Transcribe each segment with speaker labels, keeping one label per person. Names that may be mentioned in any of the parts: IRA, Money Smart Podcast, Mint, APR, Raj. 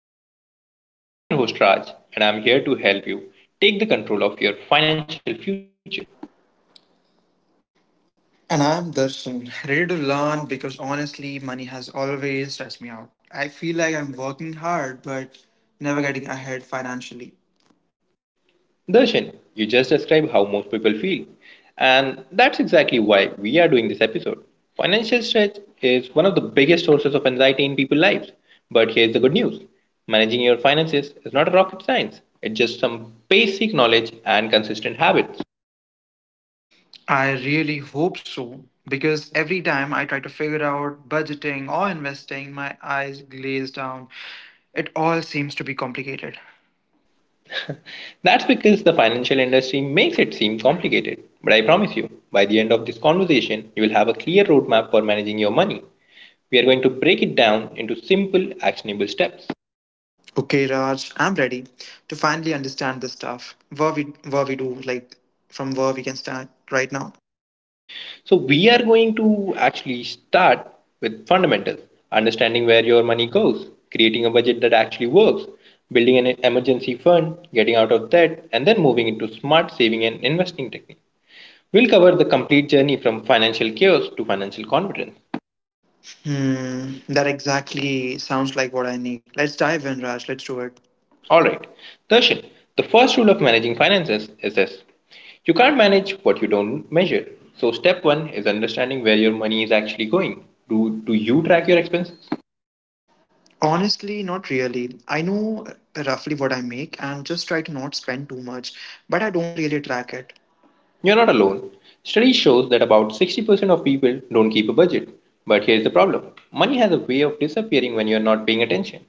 Speaker 1: Money Smart Podcast. I'm your host, Raj, and I'm here to help you take the control of your financial future.
Speaker 2: And I'm Darshan, ready to learn because honestly, money has always stressed me out. I feel like I'm working hard but never getting ahead financially.
Speaker 1: Darshan, you just described how most people feel, and that's exactly why we are doing this episode. Financial stress is one of the biggest sources of anxiety in people's lives. But here's the good news managing your finances is not a rocket science, it's just some basic knowledge and consistent habits.
Speaker 2: I really hope so because every time I try to figure out budgeting or investing, my eyes glaze down. It all seems to be complicated.
Speaker 1: That's because the financial industry makes it seem complicated. But I promise you, by the end of this conversation, you will have a clear roadmap for managing your money. We are going to break it down into simple, actionable steps.
Speaker 2: Okay, Raj, I'm ready to finally understand this stuff. What we do, like from where we can start right now.
Speaker 1: So, we are going to actually start with fundamentals understanding where your money goes, creating a budget that actually works, building an emergency fund, getting out of debt, and then moving into smart saving and investing techniques. We'll cover the complete journey from financial chaos to financial confidence.
Speaker 2: Hmm, that exactly sounds like what I need. Let's dive in, Raj. Let's do it.
Speaker 1: All right. Darshan, the first rule of managing finances is this you can't manage what you don't measure. So, step one is understanding where your money is actually going. Do you track your expenses?
Speaker 2: Honestly, not really. I know roughly what I make and just try to not spend too much, but I don't really track it.
Speaker 1: You're not alone. Study shows that about 60% of people don't keep a budget. But here's the problem money has a way of disappearing when you're not paying attention.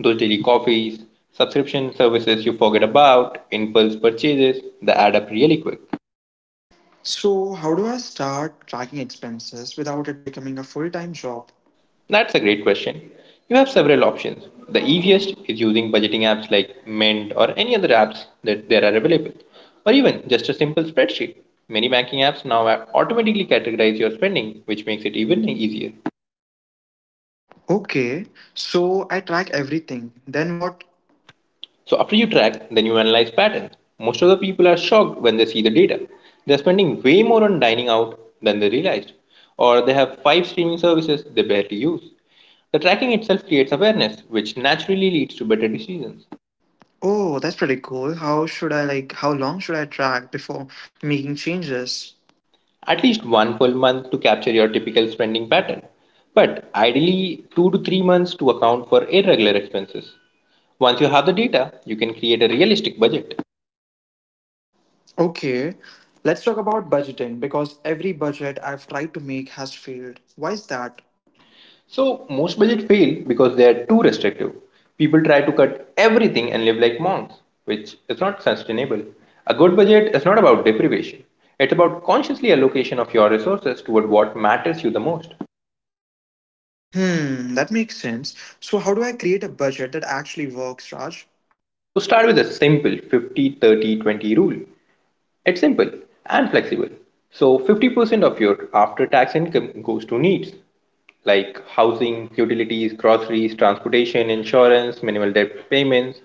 Speaker 1: Those daily coffees, subscription services you forget about, impulse purchases, they add up really quick.
Speaker 2: So, how do I start tracking expenses without it becoming a full time job?
Speaker 1: That's a great question. You have several options. The easiest is using budgeting apps like Mint or any other apps that there are available, or even just a simple spreadsheet. Many banking apps now automatically categorize your spending, which makes it even easier.
Speaker 2: Okay, so I track everything. Then what?
Speaker 1: So after you track, then you analyze patterns. Most of the people are shocked when they see the data. They're spending way more on dining out than they realized, or they have five streaming services they barely use. The tracking itself creates awareness, which naturally leads to better decisions.
Speaker 2: Oh, that's pretty cool. How should I like, how long should I track before making changes?
Speaker 1: At least one full month to capture your typical spending pattern, but ideally 2 to 3 months to account for irregular expenses. Once you have the data, you can create a realistic budget.
Speaker 2: Okay, let's talk about budgeting because every budget I've tried to make has failed. Why is that?
Speaker 1: So, most budgets fail because they are too restrictive. People try to cut everything and live like monks, which is not sustainable. A good budget is not about deprivation, it's about consciously allocation of your resources toward what matters you the most.
Speaker 2: Hmm, that makes sense. So, how do I create a budget that actually works, Raj?
Speaker 1: So, start with a simple 50 30 20 rule. It's simple and flexible. So 50% of your after tax income goes to needs like housing, utilities, groceries, transportation, insurance, minimal debt payments.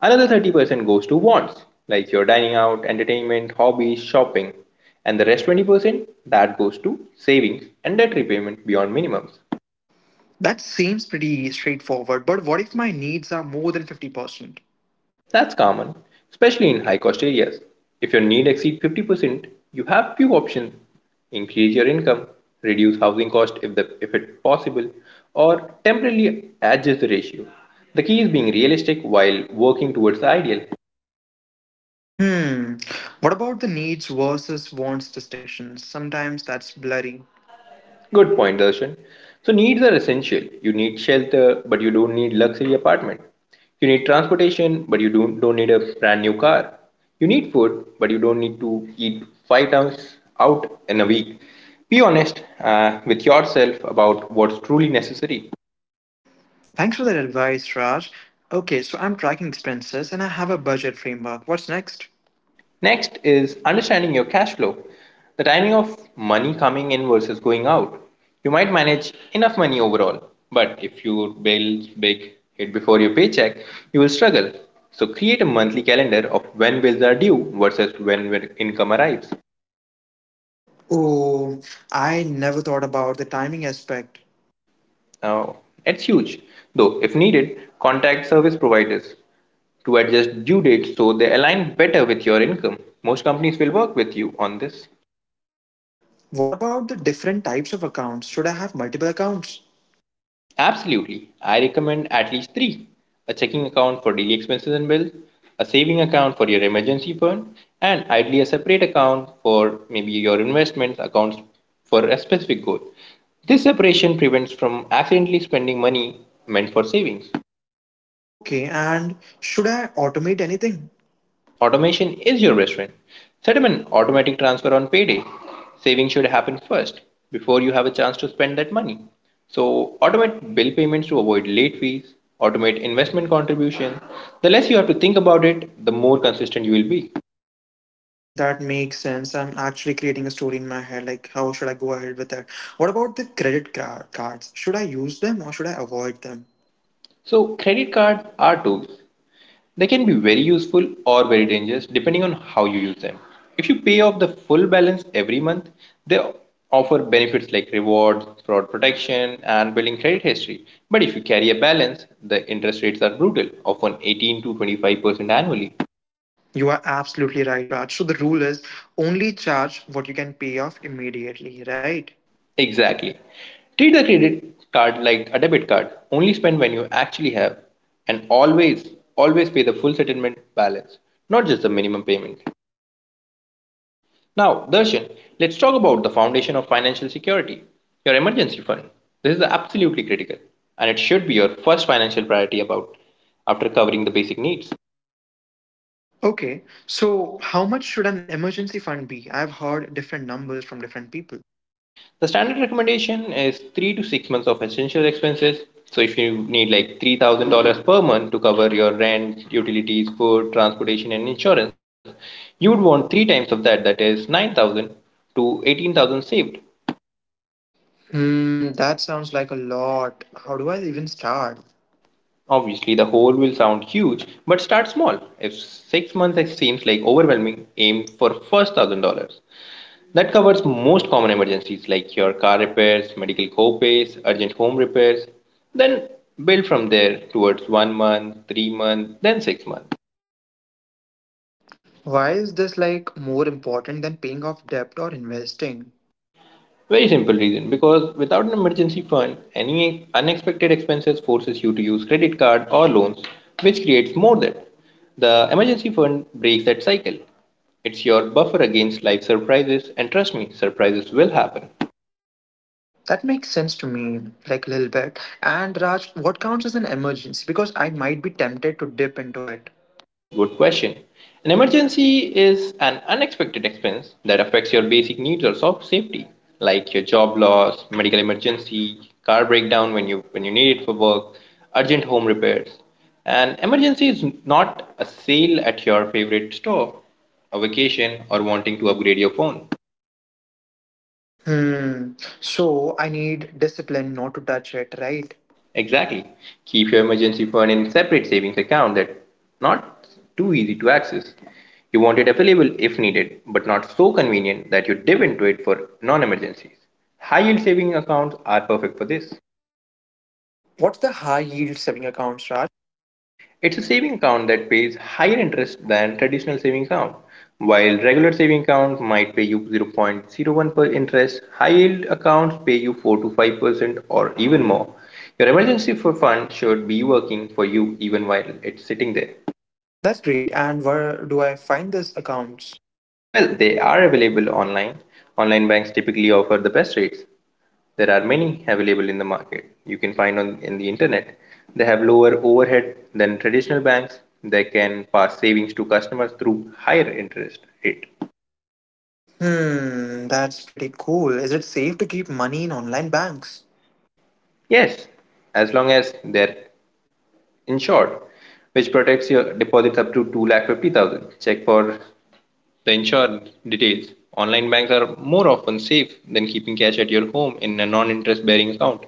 Speaker 1: Another 30% goes to wants like your dining out, entertainment, hobbies, shopping. And the rest 20% that goes to savings and debt repayment beyond minimums.
Speaker 2: That seems pretty straightforward, but what if my needs are more than 50%?
Speaker 1: That's common, especially in high cost areas. If your need exceeds 50%, you have few options. Increase your income, reduce housing cost if it's possible, or temporarily adjust the ratio. The key is being realistic while working towards the ideal.
Speaker 2: Hmm, what about the needs versus wants distinctions? Sometimes that's blurry.
Speaker 1: Good point, Darshan. So needs are essential. You need shelter, but you don't need luxury apartment. You need transportation, but you don't need a brand new car. You need food, but you don't need to eat five times out in a week. Be honest with yourself about what's truly necessary.
Speaker 2: Thanks for that advice, Raj. Okay, so I'm tracking expenses and I have a budget framework. What's next?
Speaker 1: Next is understanding your cash flow, the timing of money coming in versus going out. You might manage enough money overall, but if your bills big hit before your paycheck, you will struggle. So create a monthly calendar of when bills are due versus when your income arrives.
Speaker 2: Oh, I never thought about the timing aspect.
Speaker 1: Now, it's huge. Though, if needed, contact service providers to adjust due dates so they align better with your income. Most companies will work with you on this.
Speaker 2: What about the different types of accounts? Should I have multiple accounts?
Speaker 1: Absolutely. I recommend at least three a checking account for daily expenses and bills, a saving account for your emergency fund, and ideally a separate account for maybe your investment accounts for a specific goal. This separation prevents from accidentally spending money meant for savings.
Speaker 2: Okay, and should I automate anything?
Speaker 1: Automation is your best friend. Set up an automatic transfer on payday. Saving should happen first before you have a chance to spend that money. So, automate bill payments to avoid late fees, automate investment contribution. The less you have to think about it, the more consistent you will be.
Speaker 2: That makes sense. I'm actually creating a story in my head. Like, how should I go ahead with that? What about the credit cards? Should I use them or should I avoid them?
Speaker 1: So, credit cards are tools. They can be very useful or very dangerous depending on how you use them. If you pay off the full balance every month, they offer benefits like rewards, fraud protection, and building credit history. But if you carry a balance, the interest rates are brutal, often 18 to 25% annually.
Speaker 2: You are absolutely right, Raj. So the rule is only charge what you can pay off immediately, right?
Speaker 1: Exactly. Treat the credit card like a debit card. Only spend when you actually have, and always, always pay the full settlement balance, not just the minimum payment. Now, Darshan, let's talk about the foundation of financial security, your emergency fund. This is absolutely critical, and it should be your first financial priority about after covering the basic needs.
Speaker 2: Okay, so how much should an emergency fund be? I've heard different numbers from different people.
Speaker 1: The standard recommendation is 3 to 6 months of essential expenses. So if you need like $3,000 per month to cover your rent, utilities, food, transportation and insurance, you would want 3 times of that that is 9,000 to 18,000 saved.
Speaker 2: Hmm, that sounds like a lot. How do I even start?
Speaker 1: Obviously, the whole will sound huge, but start small. If 6 months seems like overwhelming, aim for first $1,000. That covers most common emergencies like your car repairs, medical copays, urgent home repairs. Then build from there towards 1 month, 3 months, then 6 months.
Speaker 2: Why is this like more important than paying off debt or investing?
Speaker 1: Very simple reason because without an emergency fund, any unexpected expenses forces you to use credit card or loans, which creates more debt. The emergency fund breaks that cycle. It's your buffer against life surprises, and trust me, surprises will happen.
Speaker 2: That makes sense to me, like a little bit. And Raj, what counts as an emergency? Because I might be tempted to dip into it.
Speaker 1: Good question. An emergency is an unexpected expense that affects your basic needs or soft safety, like your job loss, medical emergency, car breakdown when you need it for work, urgent home repairs. An emergency is not a sale at your favorite store, a vacation, or wanting to upgrade your phone.
Speaker 2: Hmm. So I need discipline not to touch it, right?
Speaker 1: Exactly. Keep your emergency fund in a separate savings account that's not too easy to access. You want it available if needed, but not so convenient that you dip into it for non emergencies. High yield saving accounts are perfect for this.
Speaker 2: What's the high yield saving accounts, Raj?
Speaker 1: It's a saving account that pays higher interest than traditional saving account. While regular saving accounts might pay you zero point zero 0.01 per interest, high yield accounts pay you 4 to 5% or even more. Your emergency fund should be working for you even while it's sitting there.
Speaker 2: That's great. And where do I find these accounts?
Speaker 1: Well, they are available online. Online banks typically offer the best rates. There are many available in the market. You can find on in the internet. They have lower overhead than traditional banks. They can pass savings to customers through higher interest rate.
Speaker 2: Hmm, that's pretty cool. Is it safe to keep money in online banks?
Speaker 1: Yes, as long as they're insured, which protects your deposits up to two lakh 50,000. Check for the insured details. Online banks are more often safe than keeping cash at your home in a non-interest bearing account.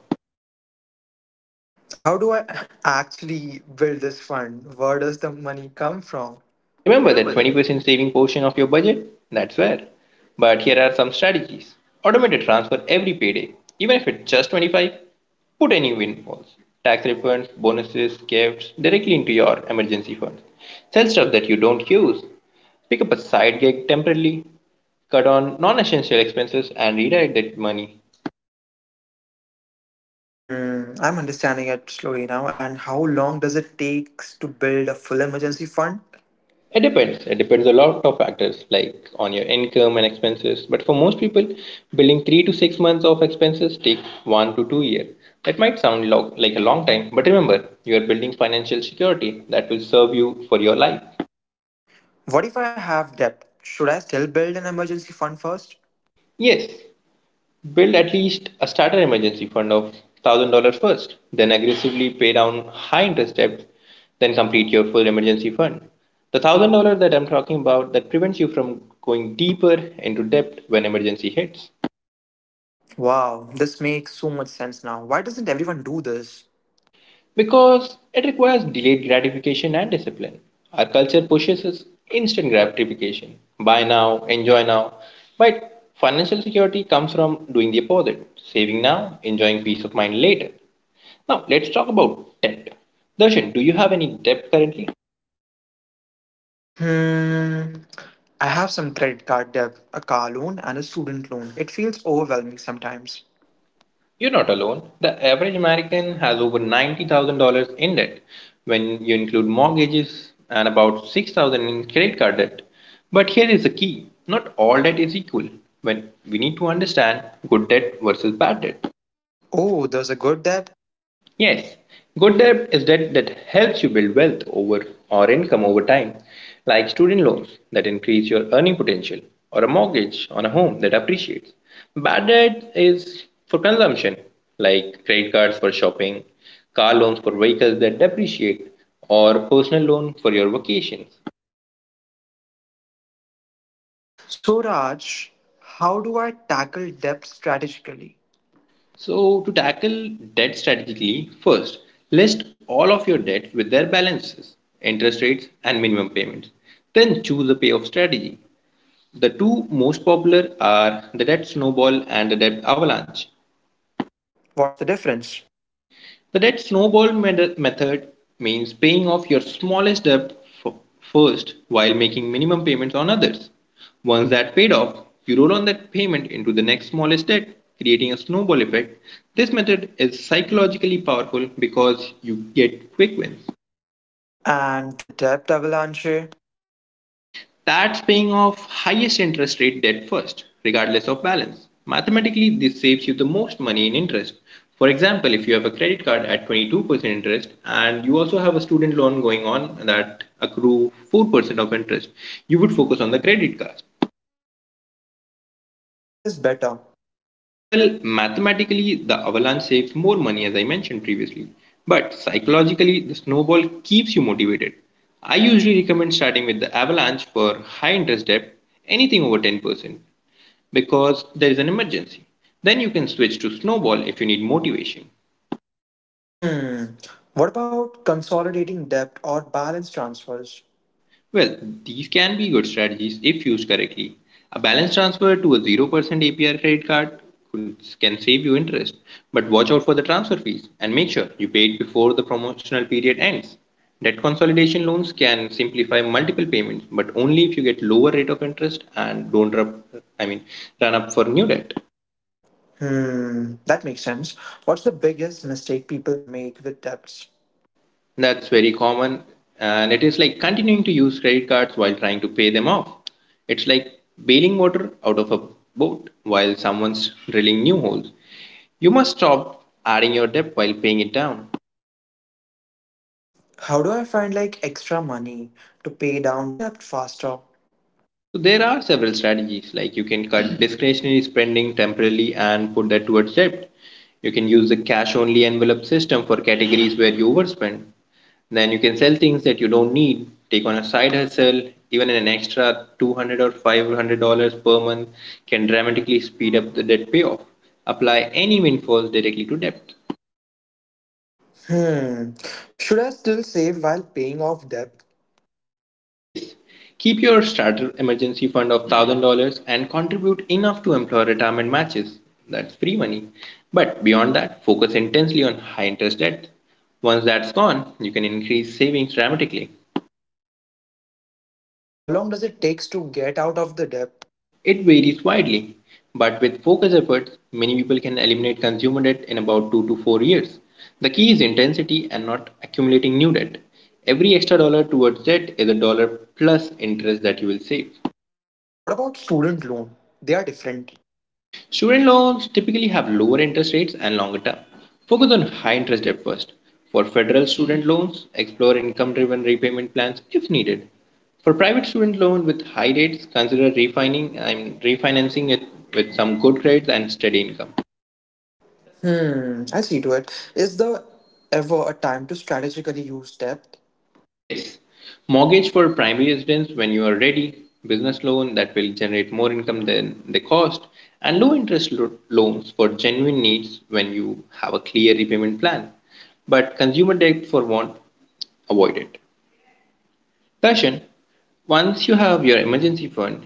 Speaker 2: How do I actually build this fund? Where does the money come from?
Speaker 1: Remember
Speaker 2: Remember
Speaker 1: that
Speaker 2: that.
Speaker 1: 20% saving portion of your budget? That's where. But here are some strategies. Automated transfer every payday, even if it's just 25, put any windfalls, tax refunds, bonuses, gifts directly into your emergency fund. Sell stuff that you don't use. Pick up a side gig temporarily, cut on non-essential expenses and redirect that money.
Speaker 2: Hmm, I'm understanding it slowly now. And how long does it take to build a full emergency fund?
Speaker 1: It depends. It depends a lot of factors like on your income and expenses. But for most people, building 3 to 6 months of expenses take 1 to 2 years. That might sound like a long time, but remember, you are building financial security that will serve you for your life.
Speaker 2: What if I have debt? Should I still build an emergency fund first?
Speaker 1: Yes, build at least a starter emergency fund of $1,000 first, then aggressively pay down high interest debt, then complete your full emergency fund. The $1,000 that I'm talking about that prevents you from going deeper into debt when emergency hits.
Speaker 2: Wow, this makes so much sense now. Why doesn't everyone do this?
Speaker 1: Because it requires delayed gratification and discipline. Our culture pushes us instant gratification buy now, enjoy now. But financial security comes from doing the opposite saving now, enjoying peace of mind later. Now, let's talk about debt. Darshan, do you have any debt currently?
Speaker 2: Hmm. I have some credit card debt, a car loan, and a student loan. It feels overwhelming sometimes.
Speaker 1: You're not alone. The average American has over $90,000 in debt when you include mortgages and about 6,000 in credit card debt. But here is the key. Not all debt is equal. When we need to understand good debt versus bad debt.
Speaker 2: Oh, there's a good debt?
Speaker 1: Yes, good debt is debt that helps you build wealth over or income over time, like student loans that increase your earning potential or a mortgage on a home that appreciates. Bad debt is for consumption, like credit cards for shopping, car loans for vehicles that depreciate, or personal loan for your vacations.
Speaker 2: So, Raj, how do I tackle debt strategically?
Speaker 1: So, to tackle debt strategically, first list all of your debts with their balances, interest rates, and minimum payments. Then choose a payoff strategy. The two most popular are the debt snowball and the debt avalanche.
Speaker 2: What's the difference?
Speaker 1: The debt snowball method means paying off your smallest debt first while making minimum payments on others. Once that paid off, you roll on that payment into the next smallest debt, creating a snowball effect. This method is psychologically powerful because you get quick wins.
Speaker 2: And the debt avalanche?
Speaker 1: That's paying off highest interest rate debt first, regardless of balance. Mathematically, this saves you the most money in interest. For example, if you have a credit card at 22% interest and you also have a student loan going on that accrue 4% of interest, you would focus on the credit card.
Speaker 2: Which method is better?
Speaker 1: Well, mathematically, the avalanche saves more money as I mentioned previously, but psychologically, the snowball keeps you motivated. I usually recommend starting with the avalanche for high interest debt, anything over 10%, because there is an emergency. Then you can switch to snowball if you need motivation.
Speaker 2: Hmm. What about consolidating debt or balance transfers?
Speaker 1: Well, these can be good strategies if used correctly. A balance transfer to a 0% APR credit card can save you interest, but watch out for the transfer fees and make sure you pay it before the promotional period ends. Debt consolidation loans can simplify multiple payments, but only if you get lower rate of interest and don't rub, I mean, run up for new debt.
Speaker 2: Hmm. That makes sense. What's the biggest mistake people make with debts?
Speaker 1: That's very common. And it is like continuing to use credit cards while trying to pay them off. It's like bailing water out of a boat while someone's drilling new holes. You must stop adding your debt while paying it down.
Speaker 2: How do I find like extra money to pay down debt faster?
Speaker 1: So there are several strategies like you can cut discretionary spending temporarily and put that towards debt. You can use the cash only envelope system for categories where you overspend. Then you can sell things that you don't need, take on a side hustle, even an extra 200 or $500 per month can dramatically speed up the debt payoff. Apply any windfalls directly to debt.
Speaker 2: Hmm. Should I still save while paying off debt?
Speaker 1: Yes, keep your starter emergency fund of $1000 and contribute enough to employ retirement matches. That's free money. But beyond that, focus intensely on high interest debt. Once that's gone, you can increase savings dramatically.
Speaker 2: How long does it takes to get out of the debt?
Speaker 1: It varies widely, but with focused efforts, many people can eliminate consumer debt in about 2 to 4 years. The key is intensity and not accumulating new debt. Every extra dollar towards debt is a dollar plus interest that you will save.
Speaker 2: What about student loan? They are different.
Speaker 1: Student loans typically have lower interest rates and longer term. Focus on high interest debt first. For federal student loans, explore income driven repayment plans if needed. For private student loan with high rates, consider refining and refinancing it with some good grades and steady income.
Speaker 2: Hmm. I see to it. Is there ever a time to strategically use debt?
Speaker 1: Yes, mortgage for primary residence when you are ready, business loan that will generate more income than the cost, and low interest loans for genuine needs when you have a clear repayment plan. But consumer debt for want, avoid it. Darshan, once you have your emergency fund,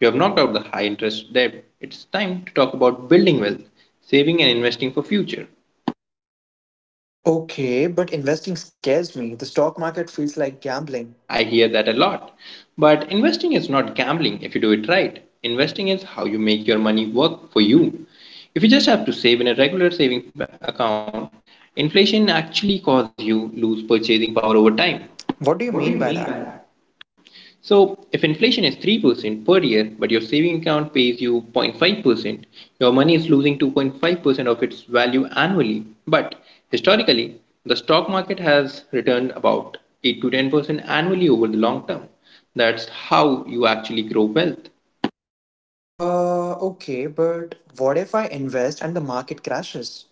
Speaker 1: you have knocked out the high interest debt. It's time to talk about building wealth, saving and investing for future.
Speaker 2: Okay, but investing scares me. The stock market feels like gambling.
Speaker 1: I hear that a lot. But investing is not gambling if you do it right. Investing is how you make your money work for you. If you just have to save in a regular savings account, inflation actually causes you lose purchasing power over time.
Speaker 2: What do you mean by that?
Speaker 1: So if inflation is 3% per year, but your saving account pays you 0.5%, your money is losing 2.5% of its value annually. But historically, the stock market has returned about 8 to 10% annually over the long term. That's how you actually grow wealth.
Speaker 2: Okay, but what if I invest and the market crashes?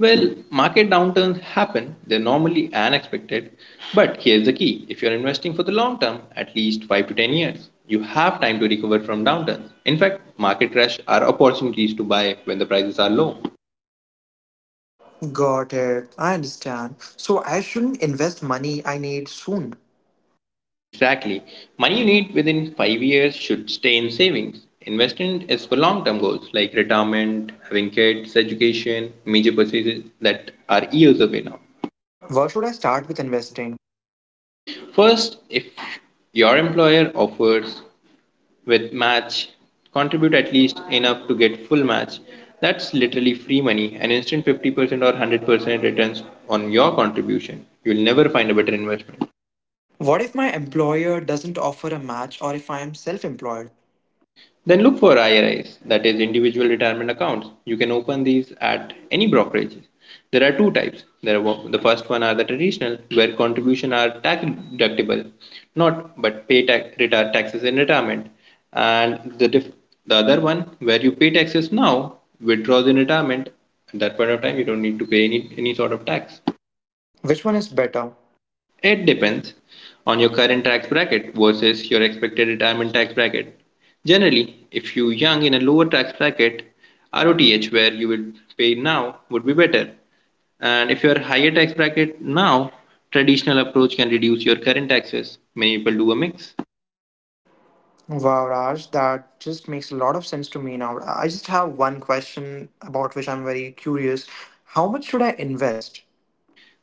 Speaker 1: Well, market downturns happen, they're normally unexpected. But here's the key, if you're investing for the long term, at least 5 to 10 years, you have time to recover from downturns. In fact, market crash are opportunities to buy when the prices are low.
Speaker 2: Got it. I understand. So I shouldn't invest money I need soon.
Speaker 1: Exactly. Money you need within 5 years should stay in savings. Investment is for long term goals like retirement, having kids, education, major purchases that are years away now.
Speaker 2: Where should I start with investing?
Speaker 1: First, if your employer offers with match, contribute at least enough to get full match. That's literally free money, an instant 50% or 100% returns on your contribution. You'll never find a better investment.
Speaker 2: What if my employer doesn't offer a match or if I am self employed?
Speaker 1: Then look for IRAs, that is individual retirement accounts. You can open these at any brokerage. There are two types. The first one are the traditional, where contribution are tax deductible, not but pay tax, retire, taxes in retirement, and the other one where you pay taxes now, withdraws in retirement. At that point of time, you don't need to pay any sort of tax.
Speaker 2: Which one is better?
Speaker 1: It depends on your current tax bracket versus your expected retirement tax bracket. Generally, if you're young in a lower tax bracket, ROTH where you will pay now would be better. And if you're higher tax bracket now, traditional approach can reduce your current taxes. Many people do a mix.
Speaker 2: Wow, Raj, that just makes a lot of sense to me now. I just have one question about which I'm very curious. How much should I invest?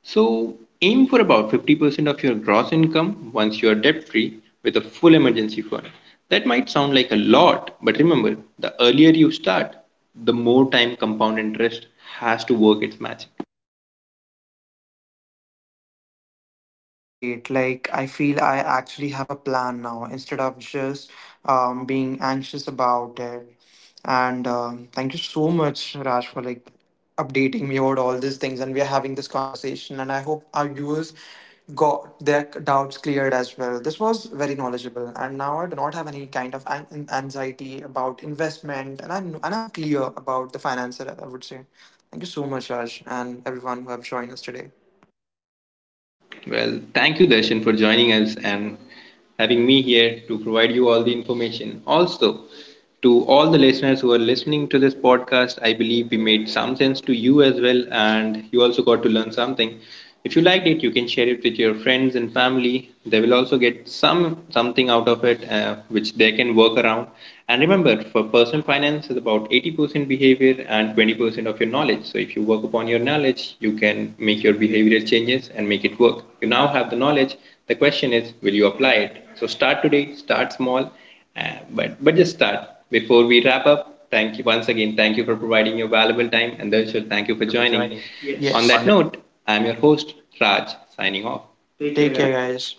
Speaker 1: So, aim for about 50% of your gross income once you are debt free with a full emergency fund. That might sound like a lot, but remember, the earlier you start, the more time compound interest has to work its magic.
Speaker 2: That's great. Like, I feel I actually have a plan now instead of just being anxious about it. And thank you so much, Raj, for like updating me about all these things. And we are having this conversation. And I hope our viewers got their doubts cleared as well. This was very knowledgeable. And now I do not have any kind of anxiety about investment. And I'm clear about the finance, I would say. Thank you so much, Raj, and everyone who have joined us today.
Speaker 1: Well, thank you, Darshan, for joining us and having me here to provide you all the information. Also, to all the listeners who are listening to this podcast, I believe we made some sense to you as well, and you also got to learn something. If you liked it, you can share it with your friends and family. They will also get something out of it, which they can work around. And remember, for personal finance is about 80% behavior and 20% of your knowledge. So if you work upon your knowledge, you can make your behavioral changes and make it work. You now have the knowledge. The question is, will you apply it? So start today, start small, uh, but just start before we wrap up. Thank you once again. Thank you for providing your valuable time, and Darshil, thank you for
Speaker 2: Thank you for
Speaker 1: joining.
Speaker 2: joining.
Speaker 1: Yes. On
Speaker 2: Yes.
Speaker 1: that
Speaker 2: On
Speaker 1: note, I'm your host Raj, signing off. Take
Speaker 2: take
Speaker 1: care,
Speaker 2: care,
Speaker 1: guys.
Speaker 2: guys.